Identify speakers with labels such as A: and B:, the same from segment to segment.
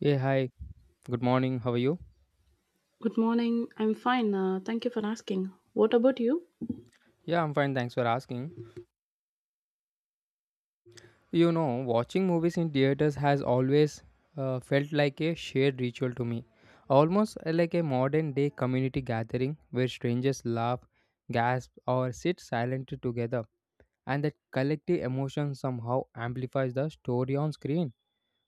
A: Hey, hi. Good morning. How are you?
B: Good morning. I'm fine. Thank you for asking. What about you?
A: Yeah, I'm fine. Thanks for asking. You know, watching movies in theaters has always felt like a shared ritual to me. Almost like a modern day community gathering where strangers laugh, gasp, or sit silently together. And that collective emotion somehow amplifies the story on screen.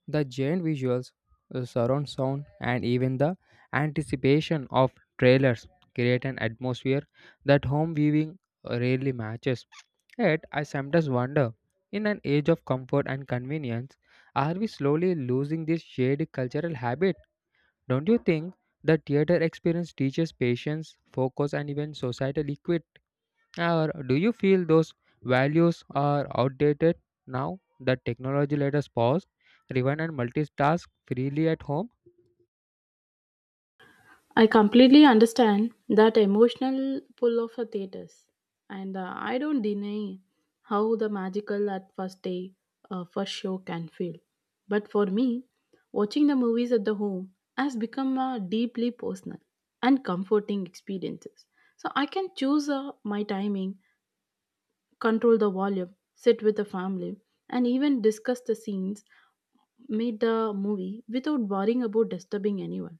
A: The giant visuals, the surround sound, and even the anticipation of trailers create an atmosphere that home viewing rarely matches. Yet, I sometimes wonder, in an age of comfort and convenience, are we slowly losing this shared cultural habit? Don't you think the theater experience teaches patience, focus, and even societal equity? Or do you feel those values are outdated now that technology let us pause, rewind, and multitask freely at home?
B: I completely understand that emotional pull of a theaters, and I don't deny how the magical at first day, first show can feel. But for me, watching the movies at the home has become a deeply personal and comforting experiences. So I can choose my timing control the volume, sit with the family, and even discuss the scenes made the movie without worrying about disturbing anyone.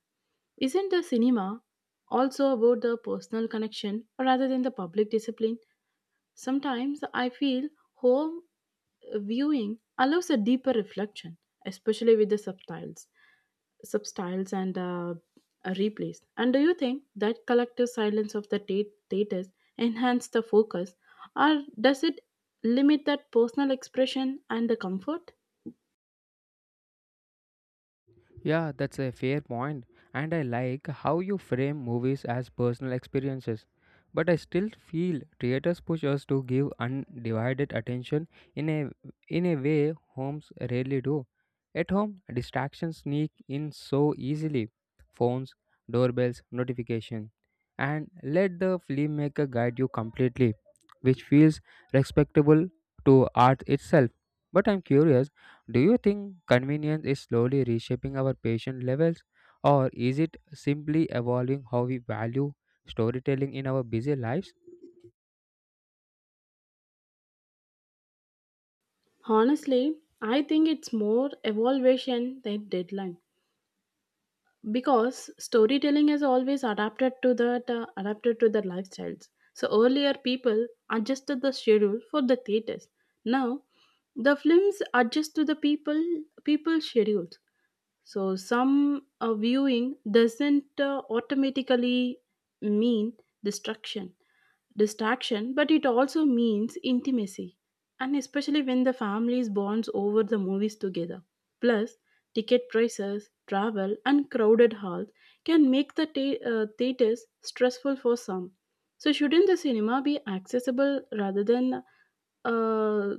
B: Isn't the cinema also about the personal connection rather than the public discipline? Sometimes I feel home viewing allows a deeper reflection, especially with the subtitles, subtitles and replays. And do you think that collective silence of the theaters enhance the focus, or does it limit that personal expression and the comfort?
A: Yeah, that's a fair point, and I like how you frame movies as personal experiences. But I still feel theaters push us to give undivided attention in a in a way homes rarely do. At home, distractions sneak in so easily. Phones, doorbells, notifications, and let the filmmaker guide you completely, which feels respectable to art itself. But I'm curious, do you think convenience is slowly reshaping our patient levels, or is it simply evolving how we value storytelling in our busy lives?
B: Honestly, I think it's more evaluation than deadline, because storytelling has always adapted to that adapted to their lifestyles. So earlier people adjusted the schedule for the theaters. Now the films adjust to the people schedules. So, some viewing doesn't automatically mean destruction, distraction, but it also means intimacy, and especially when the families bonds over the movies together. Plus, ticket prices, travel, and crowded halls can make the theaters stressful for some. So, shouldn't the cinema be accessible rather than uh,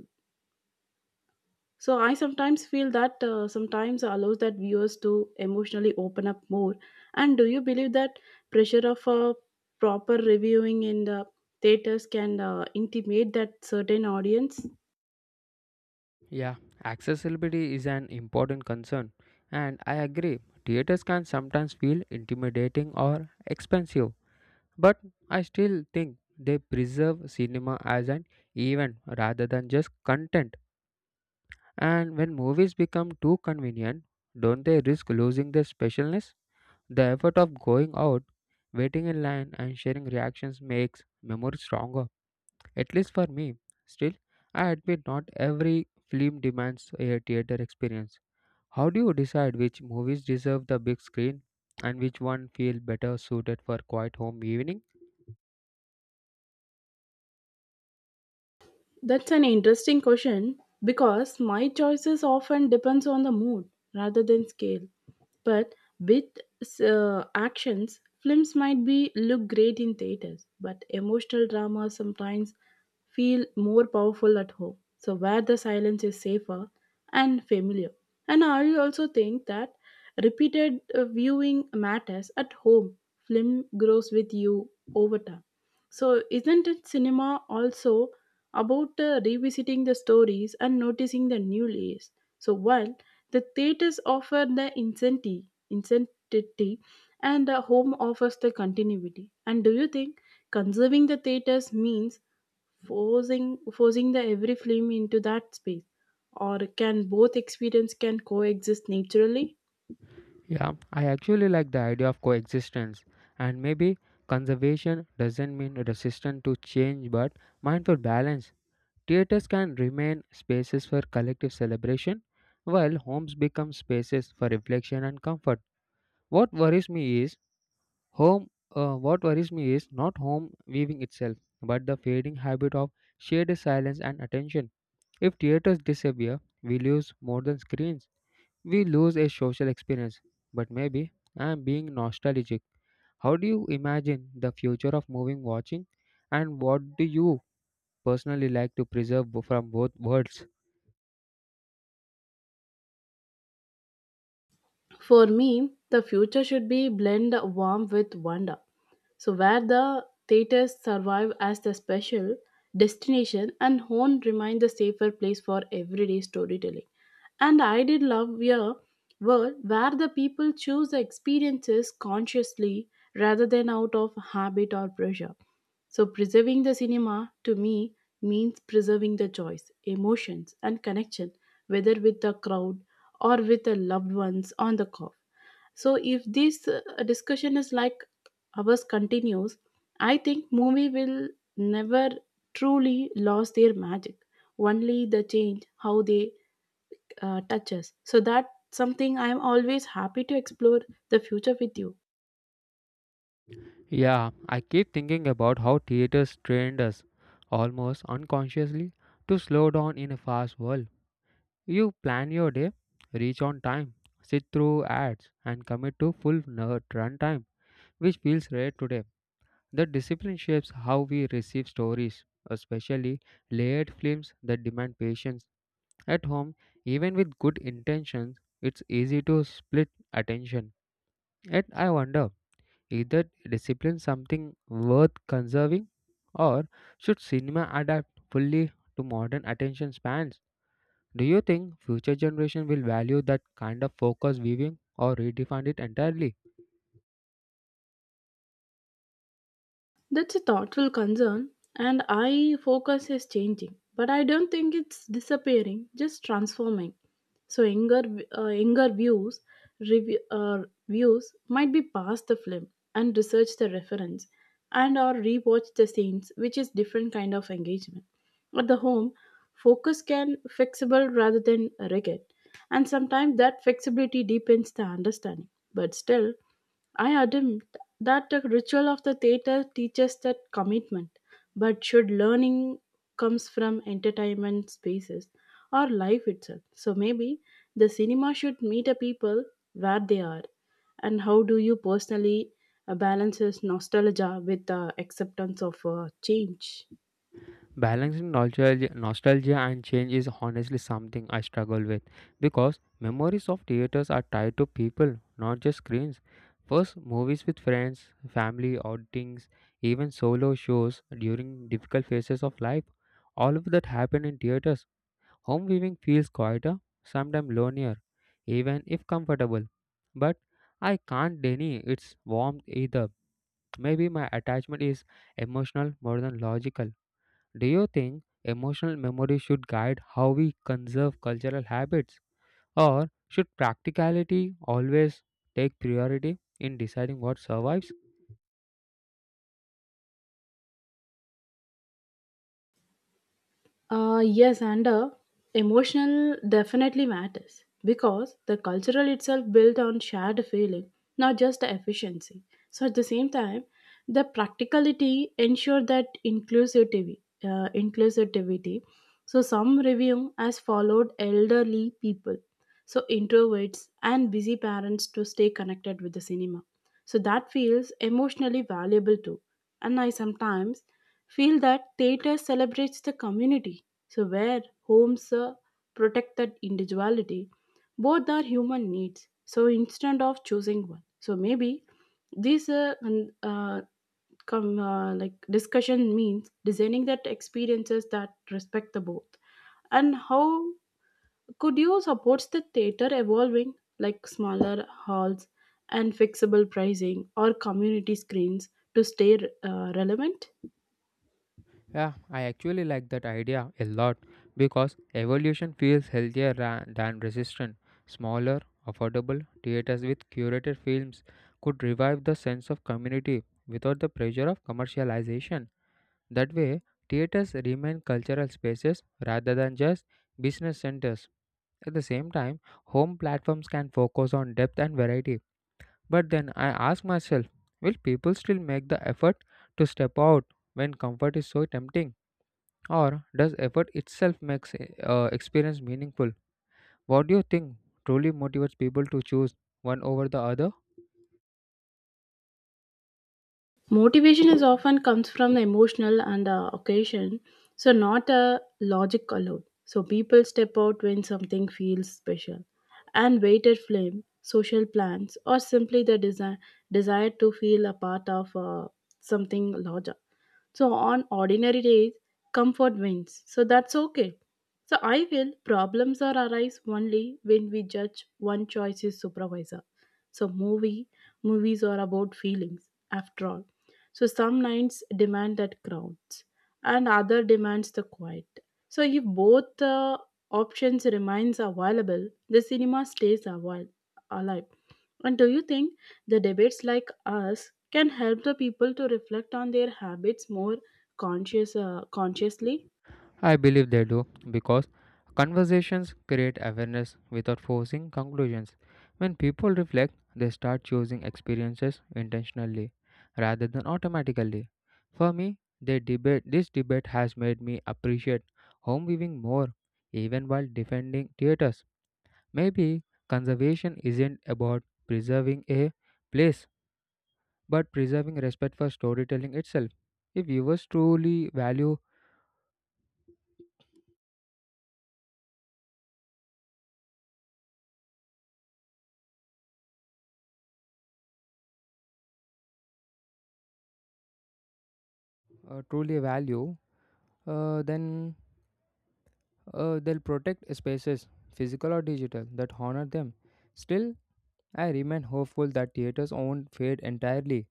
B: so I sometimes feel that sometimes allows that viewers to emotionally open up more. And do you believe that pressure of a proper reviewing in the theaters can intimidate that certain audience?
A: Yeah, accessibility is an important concern, and I agree. Theaters can sometimes feel intimidating or expensive, but I still think they preserve cinema as an event rather than just content. And when movies become too convenient, don't they risk losing their specialness? The effort of going out, waiting in line, and sharing reactions makes memories stronger, at least for me. Still, I admit not every film demands a theater experience. How do you decide which movies deserve the big screen and which one feel better suited for quiet home evening?
B: That's an interesting question because my choices often depends on the mood rather than scale. But with actions, films might be look great in theaters, but emotional drama sometimes feel more powerful at home. So, where the silence is safer and familiar. And I also think that repeated viewing matters at home. Film grows with you over time. So, isn't it cinema also about revisiting the stories and noticing the new layers? So, while the theaters offer the incentive, incentivity, and the home offers the continuity. And do you think conserving the theaters means forcing the every film into that space, or can both experience can coexist naturally?
A: Yeah, I actually like the idea of coexistence, and maybe conservation doesn't mean resistant to change but mindful balance. Theaters can remain spaces for collective celebration, while homes become spaces for reflection and comfort. What worries me is home. What worries me is not home weaving itself, but the fading habit of shared silence and attention. If theaters disappear, we lose more than screens. We lose a social experience. But maybe I am being nostalgic. How do you imagine the future of moving watching, and what do you personally like to preserve from both worlds?
B: For me, the future should be blend warmth with wonder, so where the theaters survive as the special destination and home remain the safer place for everyday storytelling. And I did love your word where the people choose the experiences consciously rather than out of habit or pressure. So preserving the cinema to me means preserving the choice, emotions and connection, whether with the crowd or with the loved ones on the cough. So if this discussion is like ours continues, I think movie will never truly lose their magic. Only the change how they touch us. So that's something I am always happy to explore the future with you.
A: Yeah, I keep thinking about how theaters trained us, almost unconsciously, to slow down in a fast world. You plan your day, reach on time, sit through ads, and commit to full nerd runtime, which feels rare today. The discipline shapes how we receive stories, especially layered films that demand patience. At home, even with good intentions, it's easy to split attention. Yet I wonder, either discipline something worth conserving, or should cinema adapt fully to modern attention spans? Do you think future generation will value that kind of focus viewing or redefine it entirely?
B: That's a thoughtful concern, and eye focus is changing. But I don't think it's disappearing, just transforming. So younger views might be past the film and research the reference, and or rewatch the scenes, which is different kind of engagement. At the home, focus can flexible rather than rigid, and sometimes that flexibility deepens the understanding. But still, I admit that the ritual of the theater teaches that commitment. But should learning comes from entertainment spaces or life itself? So maybe the cinema should meet the people where they are. And how do you personally balance nostalgia with the acceptance of change?
A: Balancing nostalgia and change is honestly something I struggle with because memories of theaters are tied to people, not just screens. First, movies with friends, family, outings, even solo shows during difficult phases of life. All of that happened in theaters. Home viewing feels quieter, sometimes lonelier, even if comfortable. But I can't deny its warmth either. Maybe my attachment is emotional more than logical. Do you think emotional memory should guide how we conserve cultural habits, or should practicality always take priority in deciding what survives?
B: Yes, and emotional definitely matters because the cultural itself built on shared feeling, not just the efficiency. So at the same time, the practicality ensure that inclusivity. So some review has followed elderly people, so introverts and busy parents to stay connected with the cinema. So that feels emotionally valuable too. And I sometimes feel that theater celebrates the community, so where homes protect that individuality. Both are human needs, so instead of choosing one. So maybe this like discussion means designing that experiences that respect the both. And how could you support the theater evolving like smaller halls and fixable pricing or community screens to stay relevant?
A: Yeah, I actually like that idea a lot because evolution feels healthier than resistant. Smaller, affordable theaters with curated films could revive the sense of community without the pressure of commercialization. That way, theaters remain cultural spaces rather than just business centers. At the same time, home platforms can focus on depth and variety. But then I ask myself, will people still make the effort to step out when comfort is so tempting? Or does effort itself make experience meaningful? What do you think truly motivates people to choose one over the other?
B: Motivation is often comes from the emotional and occasion, so not a logic alone. So people step out when something feels special, and weighted flame, social plans, or simply the desire to feel a part of something larger. So on ordinary days, comfort wins. So that's okay. So I feel problems are arise only when we judge one choice is supervisor. So movies are about feelings after all, so some nights demand that crowds, and other demands the quiet. So if both the options remains available, the cinema stays alive. And do you think the debates like us can help the people to reflect on their habits more consciously?
A: I believe they do because conversations create awareness without forcing conclusions. When people reflect, they start choosing experiences intentionally rather than automatically. For me, they debate this debate has made me appreciate home viewing more even while defending theaters. Maybe conservation isn't about preserving a place but preserving respect for storytelling itself. If viewers truly value then they'll protect spaces, physical or digital, that honor them. Still, I remain hopeful that theaters won't fade entirely.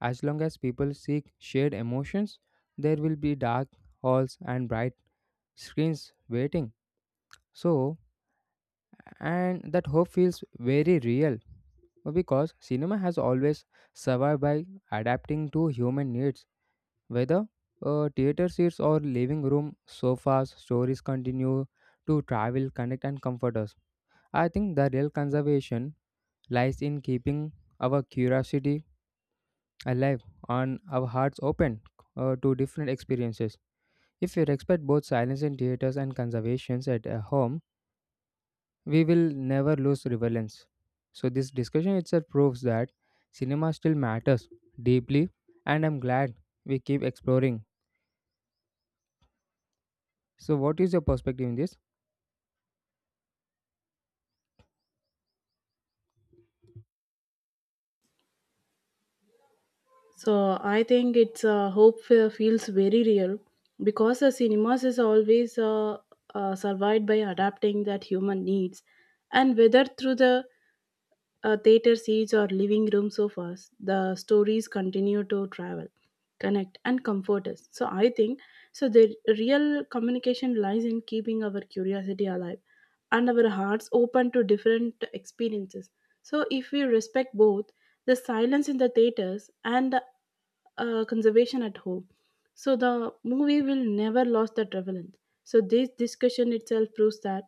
A: As long as people seek shared emotions, there will be dark halls and bright screens waiting. So, and that hope feels very real because cinema has always survived by adapting to human needs. Whether theater seats or living room sofas, stories continue to travel, connect, and comfort us. I think the real conservation lies in keeping our curiosity alive and our hearts open to different experiences. If we respect both silence in theaters and conservations at home, we will never lose relevance. So this discussion itself proves that cinema still matters deeply, and I'm glad we keep exploring. So, what is your perspective in this?
B: So I think it's hope feels very real because the cinemas is always survived by adapting that human needs, and whether through the theater seats or living room sofas, the stories continue to travel, connect, and comfort us. So I think so. The real communication lies in keeping our curiosity alive and our hearts open to different experiences. So, if we respect both the silence in the theaters and the conservation at home, so the movie will never lose that relevance. So, this discussion itself proves that.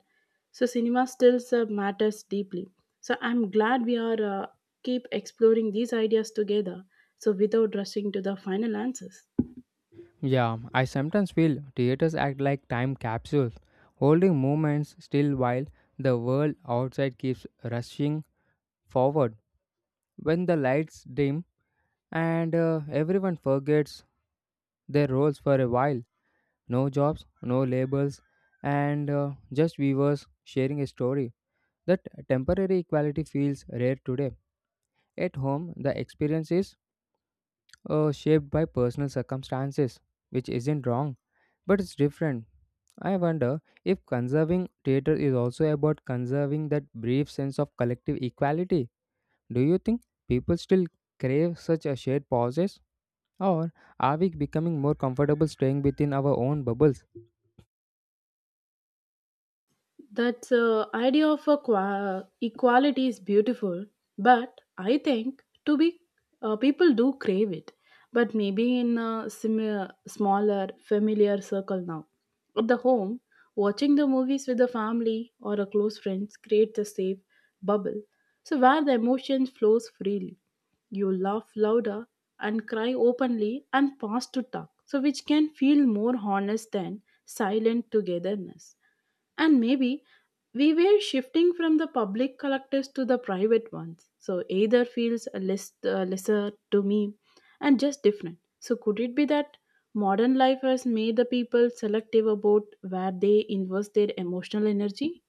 B: So, cinema still matters deeply. So, I'm glad we are keep exploring these ideas together. So, without rushing to the final answers.
A: Yeah, I sometimes feel theaters act like time capsules, holding moments still while the world outside keeps rushing forward. When the lights dim and everyone forgets their roles for a while, no jobs, no labels, and just viewers sharing a story. That temporary equality feels rare today. At home, the experience is shaped by personal circumstances, which isn't wrong, but it's different. I wonder if conserving theatre is also about conserving that brief sense of collective equality. Do you think people still crave such a shared pauses? Or are we becoming more comfortable staying within our own bubbles?
B: That idea of a equality is beautiful, but I think to be people do crave it, but maybe in a smaller, familiar circle now. At the home, watching the movies with the family or a close friends creates a safe bubble, so where the emotions flows freely. You laugh louder and cry openly and pass to talk, so which can feel more honest than silent togetherness. And maybe we were shifting from the public collectors to the private ones. So either feels a lesser to me and just different. So could it be that modern life has made the people selective about where they invest their emotional energy?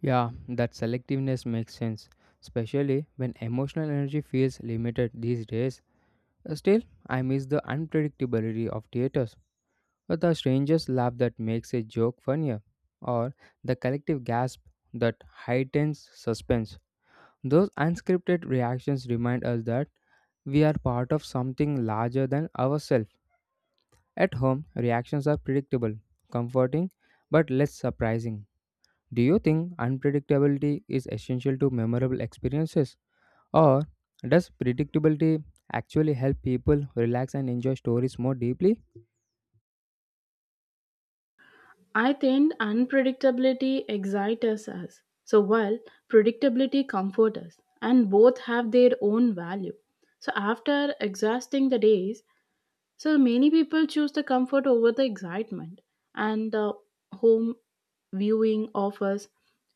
A: Yeah, that selectiveness makes sense, especially when emotional energy feels limited these days. Still, I miss the unpredictability of theatres, the stranger's laugh that makes a joke funnier, or the collective gasp that heightens suspense. Those unscripted reactions remind us that we are part of something larger than ourselves. At home, reactions are predictable, comforting, but less surprising. Do you think unpredictability is essential to memorable experiences? Or does predictability actually help people relax and enjoy stories more deeply?
B: I think unpredictability excites us. So while predictability comforts us, and both have their own value. So after exhausting the days, so many people choose the comfort over the excitement and the home viewing offers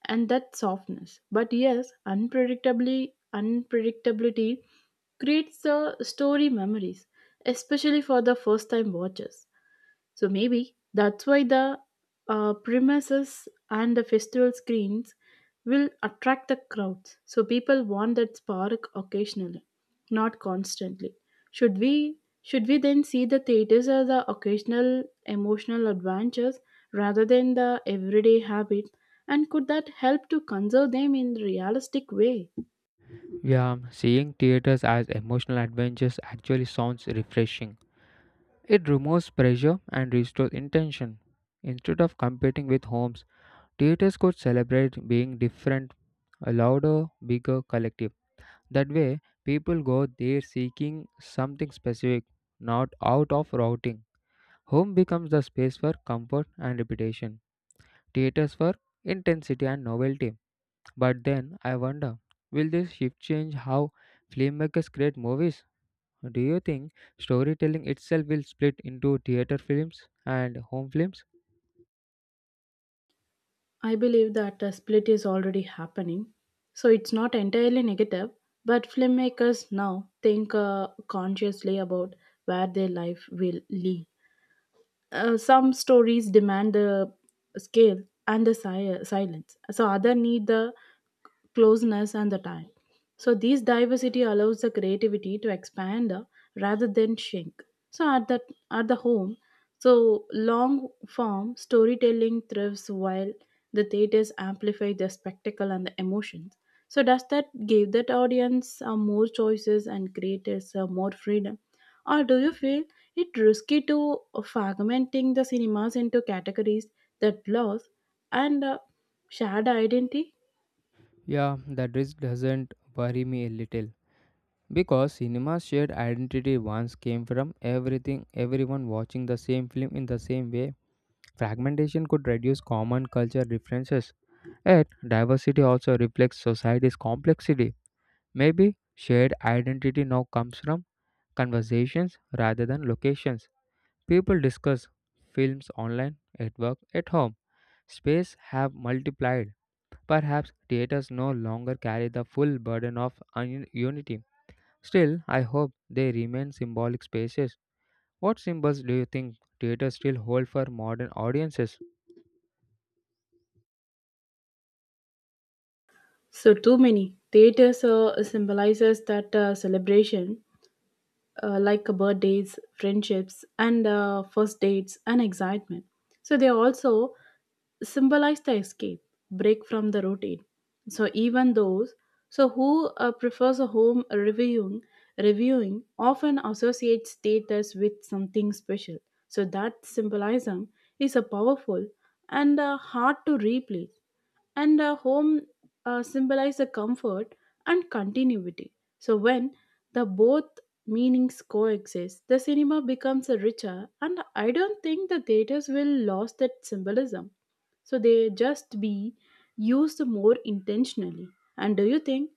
B: and that softness. But yes, unpredictably unpredictability creates the story memories, especially for the first time watchers. So maybe that's why the premises and the festival screens will attract the crowds. So people want that spark occasionally, not constantly. Should we should we then see the theaters as the occasional emotional adventures rather than the everyday habit? And could that help to conserve them in realistic way?
A: Yeah, seeing theaters as emotional adventures actually sounds refreshing. It removes pressure and restores intention. Instead of competing with homes, theaters could celebrate being different, a louder, bigger collective. That way, people go there seeking something specific, not out of routing. Home becomes the space for comfort and repetition, theaters for intensity and novelty. But then I wonder, will this shift change how filmmakers create movies? Do you think storytelling itself will split into theater films and home films?
B: I believe that a split is already happening. So it's not entirely negative, but filmmakers now think consciously about where their life will lead. Some stories demand the scale and the silence. So other need the closeness and the time. So this diversity allows the creativity to expand rather than shrink. So at the home, so long form storytelling thrives while the theaters amplify the spectacle and the emotions. So does that give that audience more choices and creators more freedom? Or do you feel it risky to fragmenting the cinemas into categories that lost and shared identity?
A: Yeah, that risk doesn't worry me a little. Because cinema's shared identity once came from everything, everyone watching the same film in the same way, fragmentation could reduce common culture differences. Yet, diversity also reflects society's complexity. Maybe shared identity now comes from conversations rather than locations. People discuss films online, at work, at home. Space have multiplied. Perhaps theaters no longer carry the full burden of unity. Still, I hope they remain symbolic spaces. What symbols do you think theaters still hold for modern audiences?
B: So too many theaters symbolizes that celebration, like birthdays, friendships, and first dates and excitement. So they also symbolize the escape, break from the routine. So even those so who prefers a home reviewing often associates status with something special. So that symbolism is a powerful and hard to replace, and a home symbolize the comfort and continuity, so when the both meanings coexist the cinema becomes a richer, and I don't think the theaters will lose that symbolism, so they just be used more intentionally. And do you think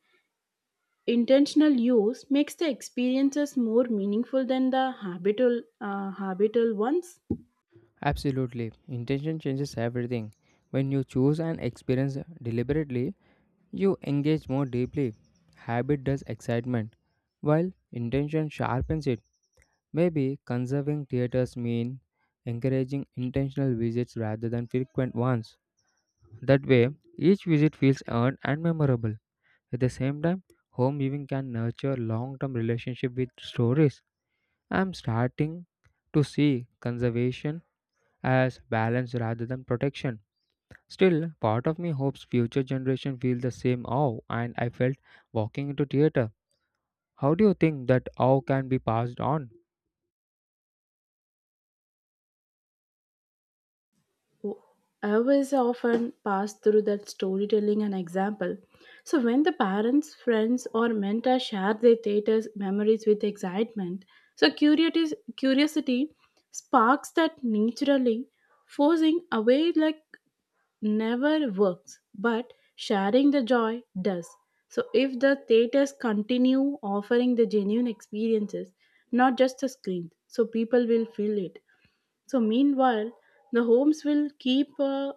B: intentional use makes the experiences more meaningful than the habitual ones?
A: Absolutely. Intention changes everything. When you choose an experience deliberately, you engage more deeply. Habit does excitement, while intention sharpens it. Maybe conserving theaters mean encouraging intentional visits rather than frequent ones. That way, each visit feels earned and memorable. At the same time, home viewing can nurture long-term relationship with stories. I'm starting to see conservation as balance rather than protection. Still, part of me hopes future generation feel the same awe and I felt walking into theater. How do you think that awe can be passed on?
B: I was often passed through that storytelling and example. So when the parents, friends, or mentor share their theater's memories with excitement, so curiosity sparks that naturally. Forcing away like never works, but sharing the joy does. So if the theaters continue offering the genuine experiences, not just the screen, so people will feel it. So, meanwhile, the homes will keep uh,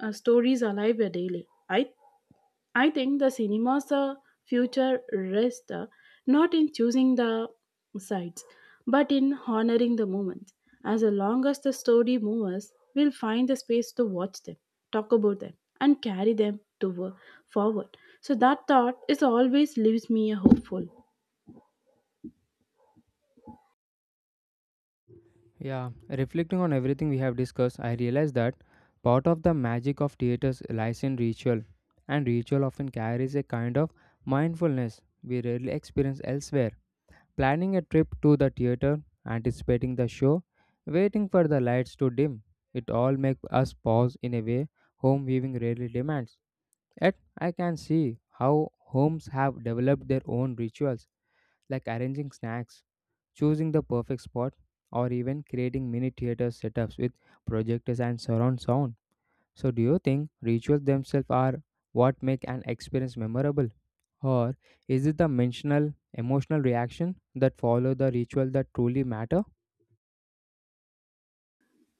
B: uh, stories alive daily. I think the cinema's future rests not in choosing the sites, but in honoring the moment. As long as the story moves, we'll find the space to watch them, talk about them, and carry them to forward. So that thought is always leaves me a hopeful.
A: Yeah, reflecting on everything we have discussed, I realized that part of the magic of theaters lies in ritual, and ritual often carries a kind of mindfulness we rarely experience elsewhere. Planning a trip to the theater, anticipating the show, waiting for the lights to dim. It all makes us pause in a way home viewing rarely demands. Yet, I can see how homes have developed their own rituals, like arranging snacks, choosing the perfect spot, or even creating mini theater setups with projectors and surround sound. So, do you think rituals themselves are what make an experience memorable? Or is it the mental, emotional reaction that follow the ritual that truly matter?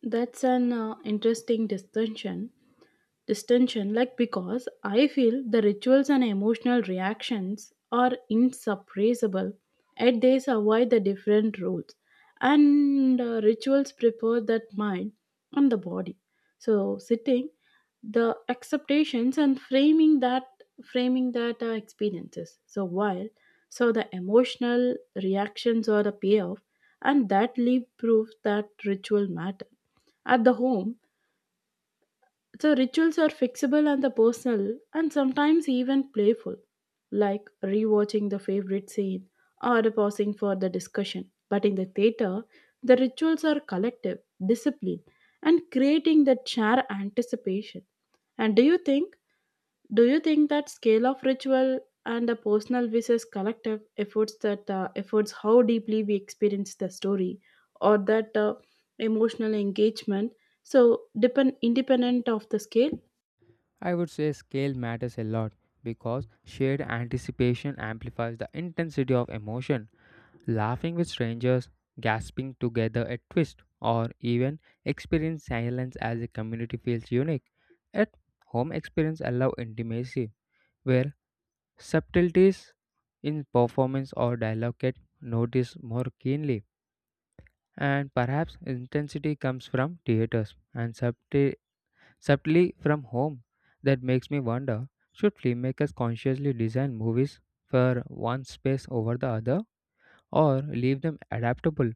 B: That's an interesting discussion. Distension, like because I feel the rituals and emotional reactions are insuppressible, yet they survive the different roles. And rituals prepare that mind and the body. So sitting, the acceptations and framing that experiences. So while so the emotional reactions or the payoff, and that leave proof that ritual matter. At the home, so rituals are fixable and the personal and sometimes even playful, like rewatching the favorite scene or pausing for the discussion. But in the theater, the rituals are collective, disciplined, and creating that shared anticipation. And do you think that scale of ritual and the personal versus collective efforts that efforts how deeply we experience the story, or that emotional engagement so depend independent of the scale?
A: I would say scale matters a lot because shared anticipation amplifies the intensity of emotion. Laughing with strangers, gasping together at twist, or even experience silence as a community feels unique. At home experience allow intimacy, where subtleties in performance or dialogue get noticed more keenly. And perhaps intensity comes from theaters and subtly from home. That makes me wonder, should filmmakers consciously design movies for one space over the other or leave them adaptable?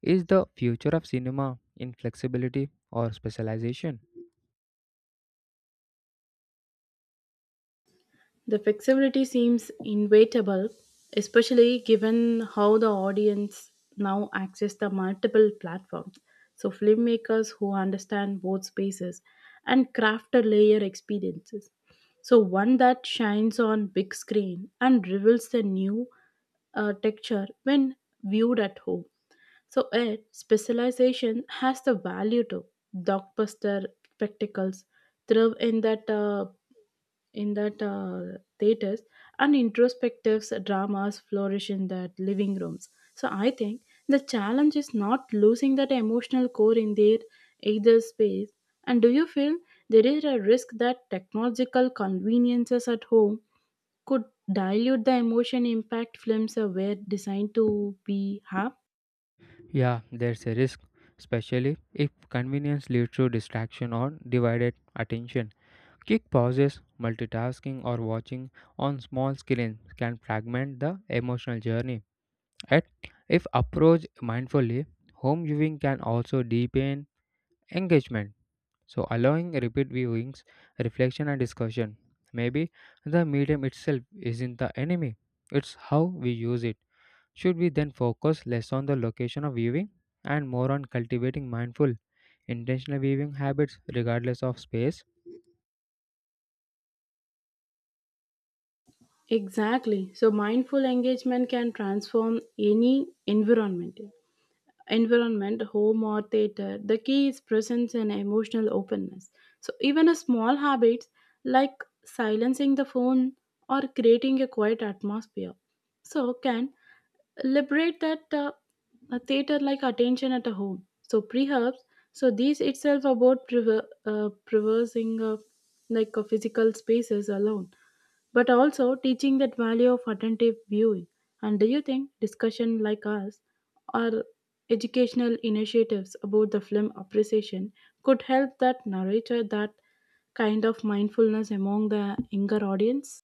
A: Is the future of cinema in flexibility or specialization?
B: The flexibility seems inevitable, especially given how the audience now access the multiple platforms. So filmmakers who understand both spaces and craft a layer experiences. So one that shines on big screen and reveals the new texture when viewed at home. So it specialization has the value to blockbuster spectacles thrive in that theaters and introspective dramas flourish in that living rooms, so I think the challenge is not losing that emotional core in their either space. And do you feel there is a risk that technological conveniences at home could dilute the emotion impact films were designed to be have?
A: Yeah, there's a risk, especially if convenience leads to distraction or divided attention. Quick pauses, multitasking, or watching on small screens can fragment the emotional journey. Yet, if approached mindfully, home viewing can also deepen engagement. So, allowing repeat viewings, reflection, and discussion. Maybe the medium itself isn't the enemy, it's how we use it. Should we then focus less on the location of viewing and more on cultivating mindful, intentional viewing habits regardless of space?
B: Exactly, so mindful engagement can transform any environment, home or theater, the key is presence and emotional openness. So even a small habits like silencing the phone or creating a quiet atmosphere so can liberate that a theater like attention at a home. So perhaps so these itself about preversing physical spaces alone, but also teaching that value of attentive viewing. And do you think discussion like us are educational initiatives about the film appreciation could help that narrator that kind of mindfulness among the younger audience.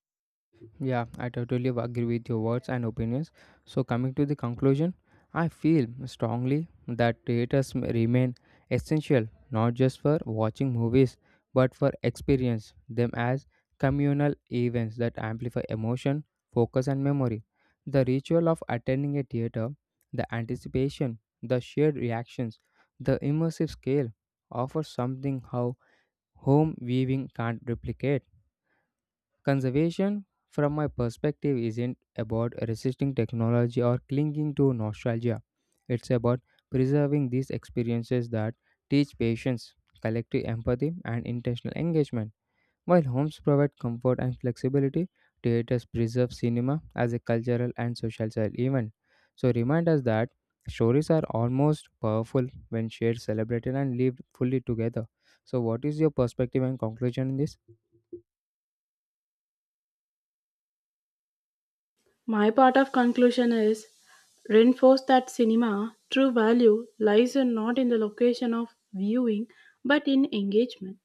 A: Yeah, I totally agree with your words and opinions. So, coming to the conclusion, I feel strongly that theaters remain essential not just for watching movies but for experience them as communal events that amplify emotion, focus, and memory. The ritual of attending a theater, the anticipation, the shared reactions, the immersive scale offer something how home viewing can't replicate. Conservation, from my perspective, isn't about resisting technology or clinging to nostalgia. It's about preserving these experiences that teach patience, collective empathy, and intentional engagement. While homes provide comfort and flexibility, theaters preserve cinema as a cultural and social event. So remind us that stories are almost powerful when shared, celebrated, and lived fully together. So, what is your perspective and conclusion in this?
B: My part of conclusion is reinforce that cinema true value lies in not in the location of viewing, but in engagement,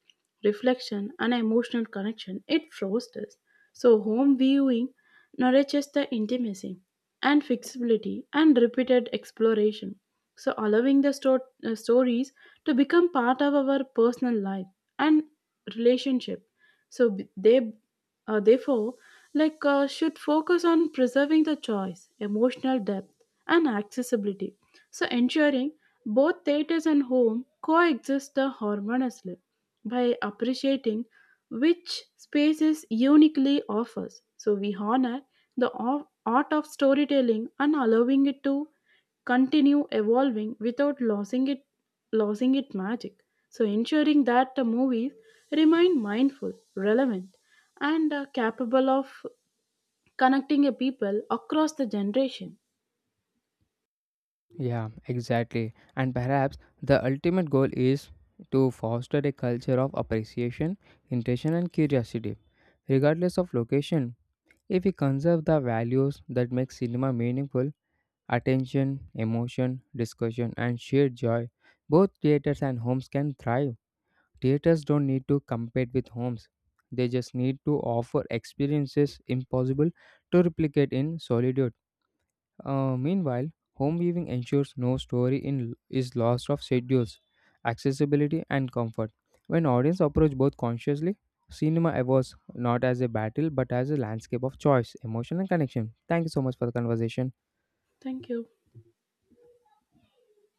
B: reflection and emotional connection it fosters. So home viewing nourishes the intimacy and flexibility and repeated exploration. So allowing the stories to become part of our personal life and relationship. So they therefore should focus on preserving the choice, emotional depth, and accessibility. So ensuring both theaters and home coexist harmoniously by appreciating which spaces uniquely offers. So we honor the art of storytelling and allowing it to continue evolving without losing its magic. So ensuring that the movies remain mindful, relevant, and capable of connecting a people across the generation.
A: Yeah, exactly. And perhaps the ultimate goal is to foster a culture of appreciation, intention, and curiosity, regardless of location. If we conserve the values that make cinema meaningful attention, emotion, discussion, and shared joy, both theaters and homes can thrive. Theaters don't need to compete with homes, they just need to offer experiences impossible to replicate in solitude. Meanwhile, home viewing ensures no story in, is lost of schedules, accessibility, and comfort. When audience approach both consciously, cinema evolves not as a battle but as a landscape of choice, emotion, and connection. Thank you so much for the conversation.
B: Thank you.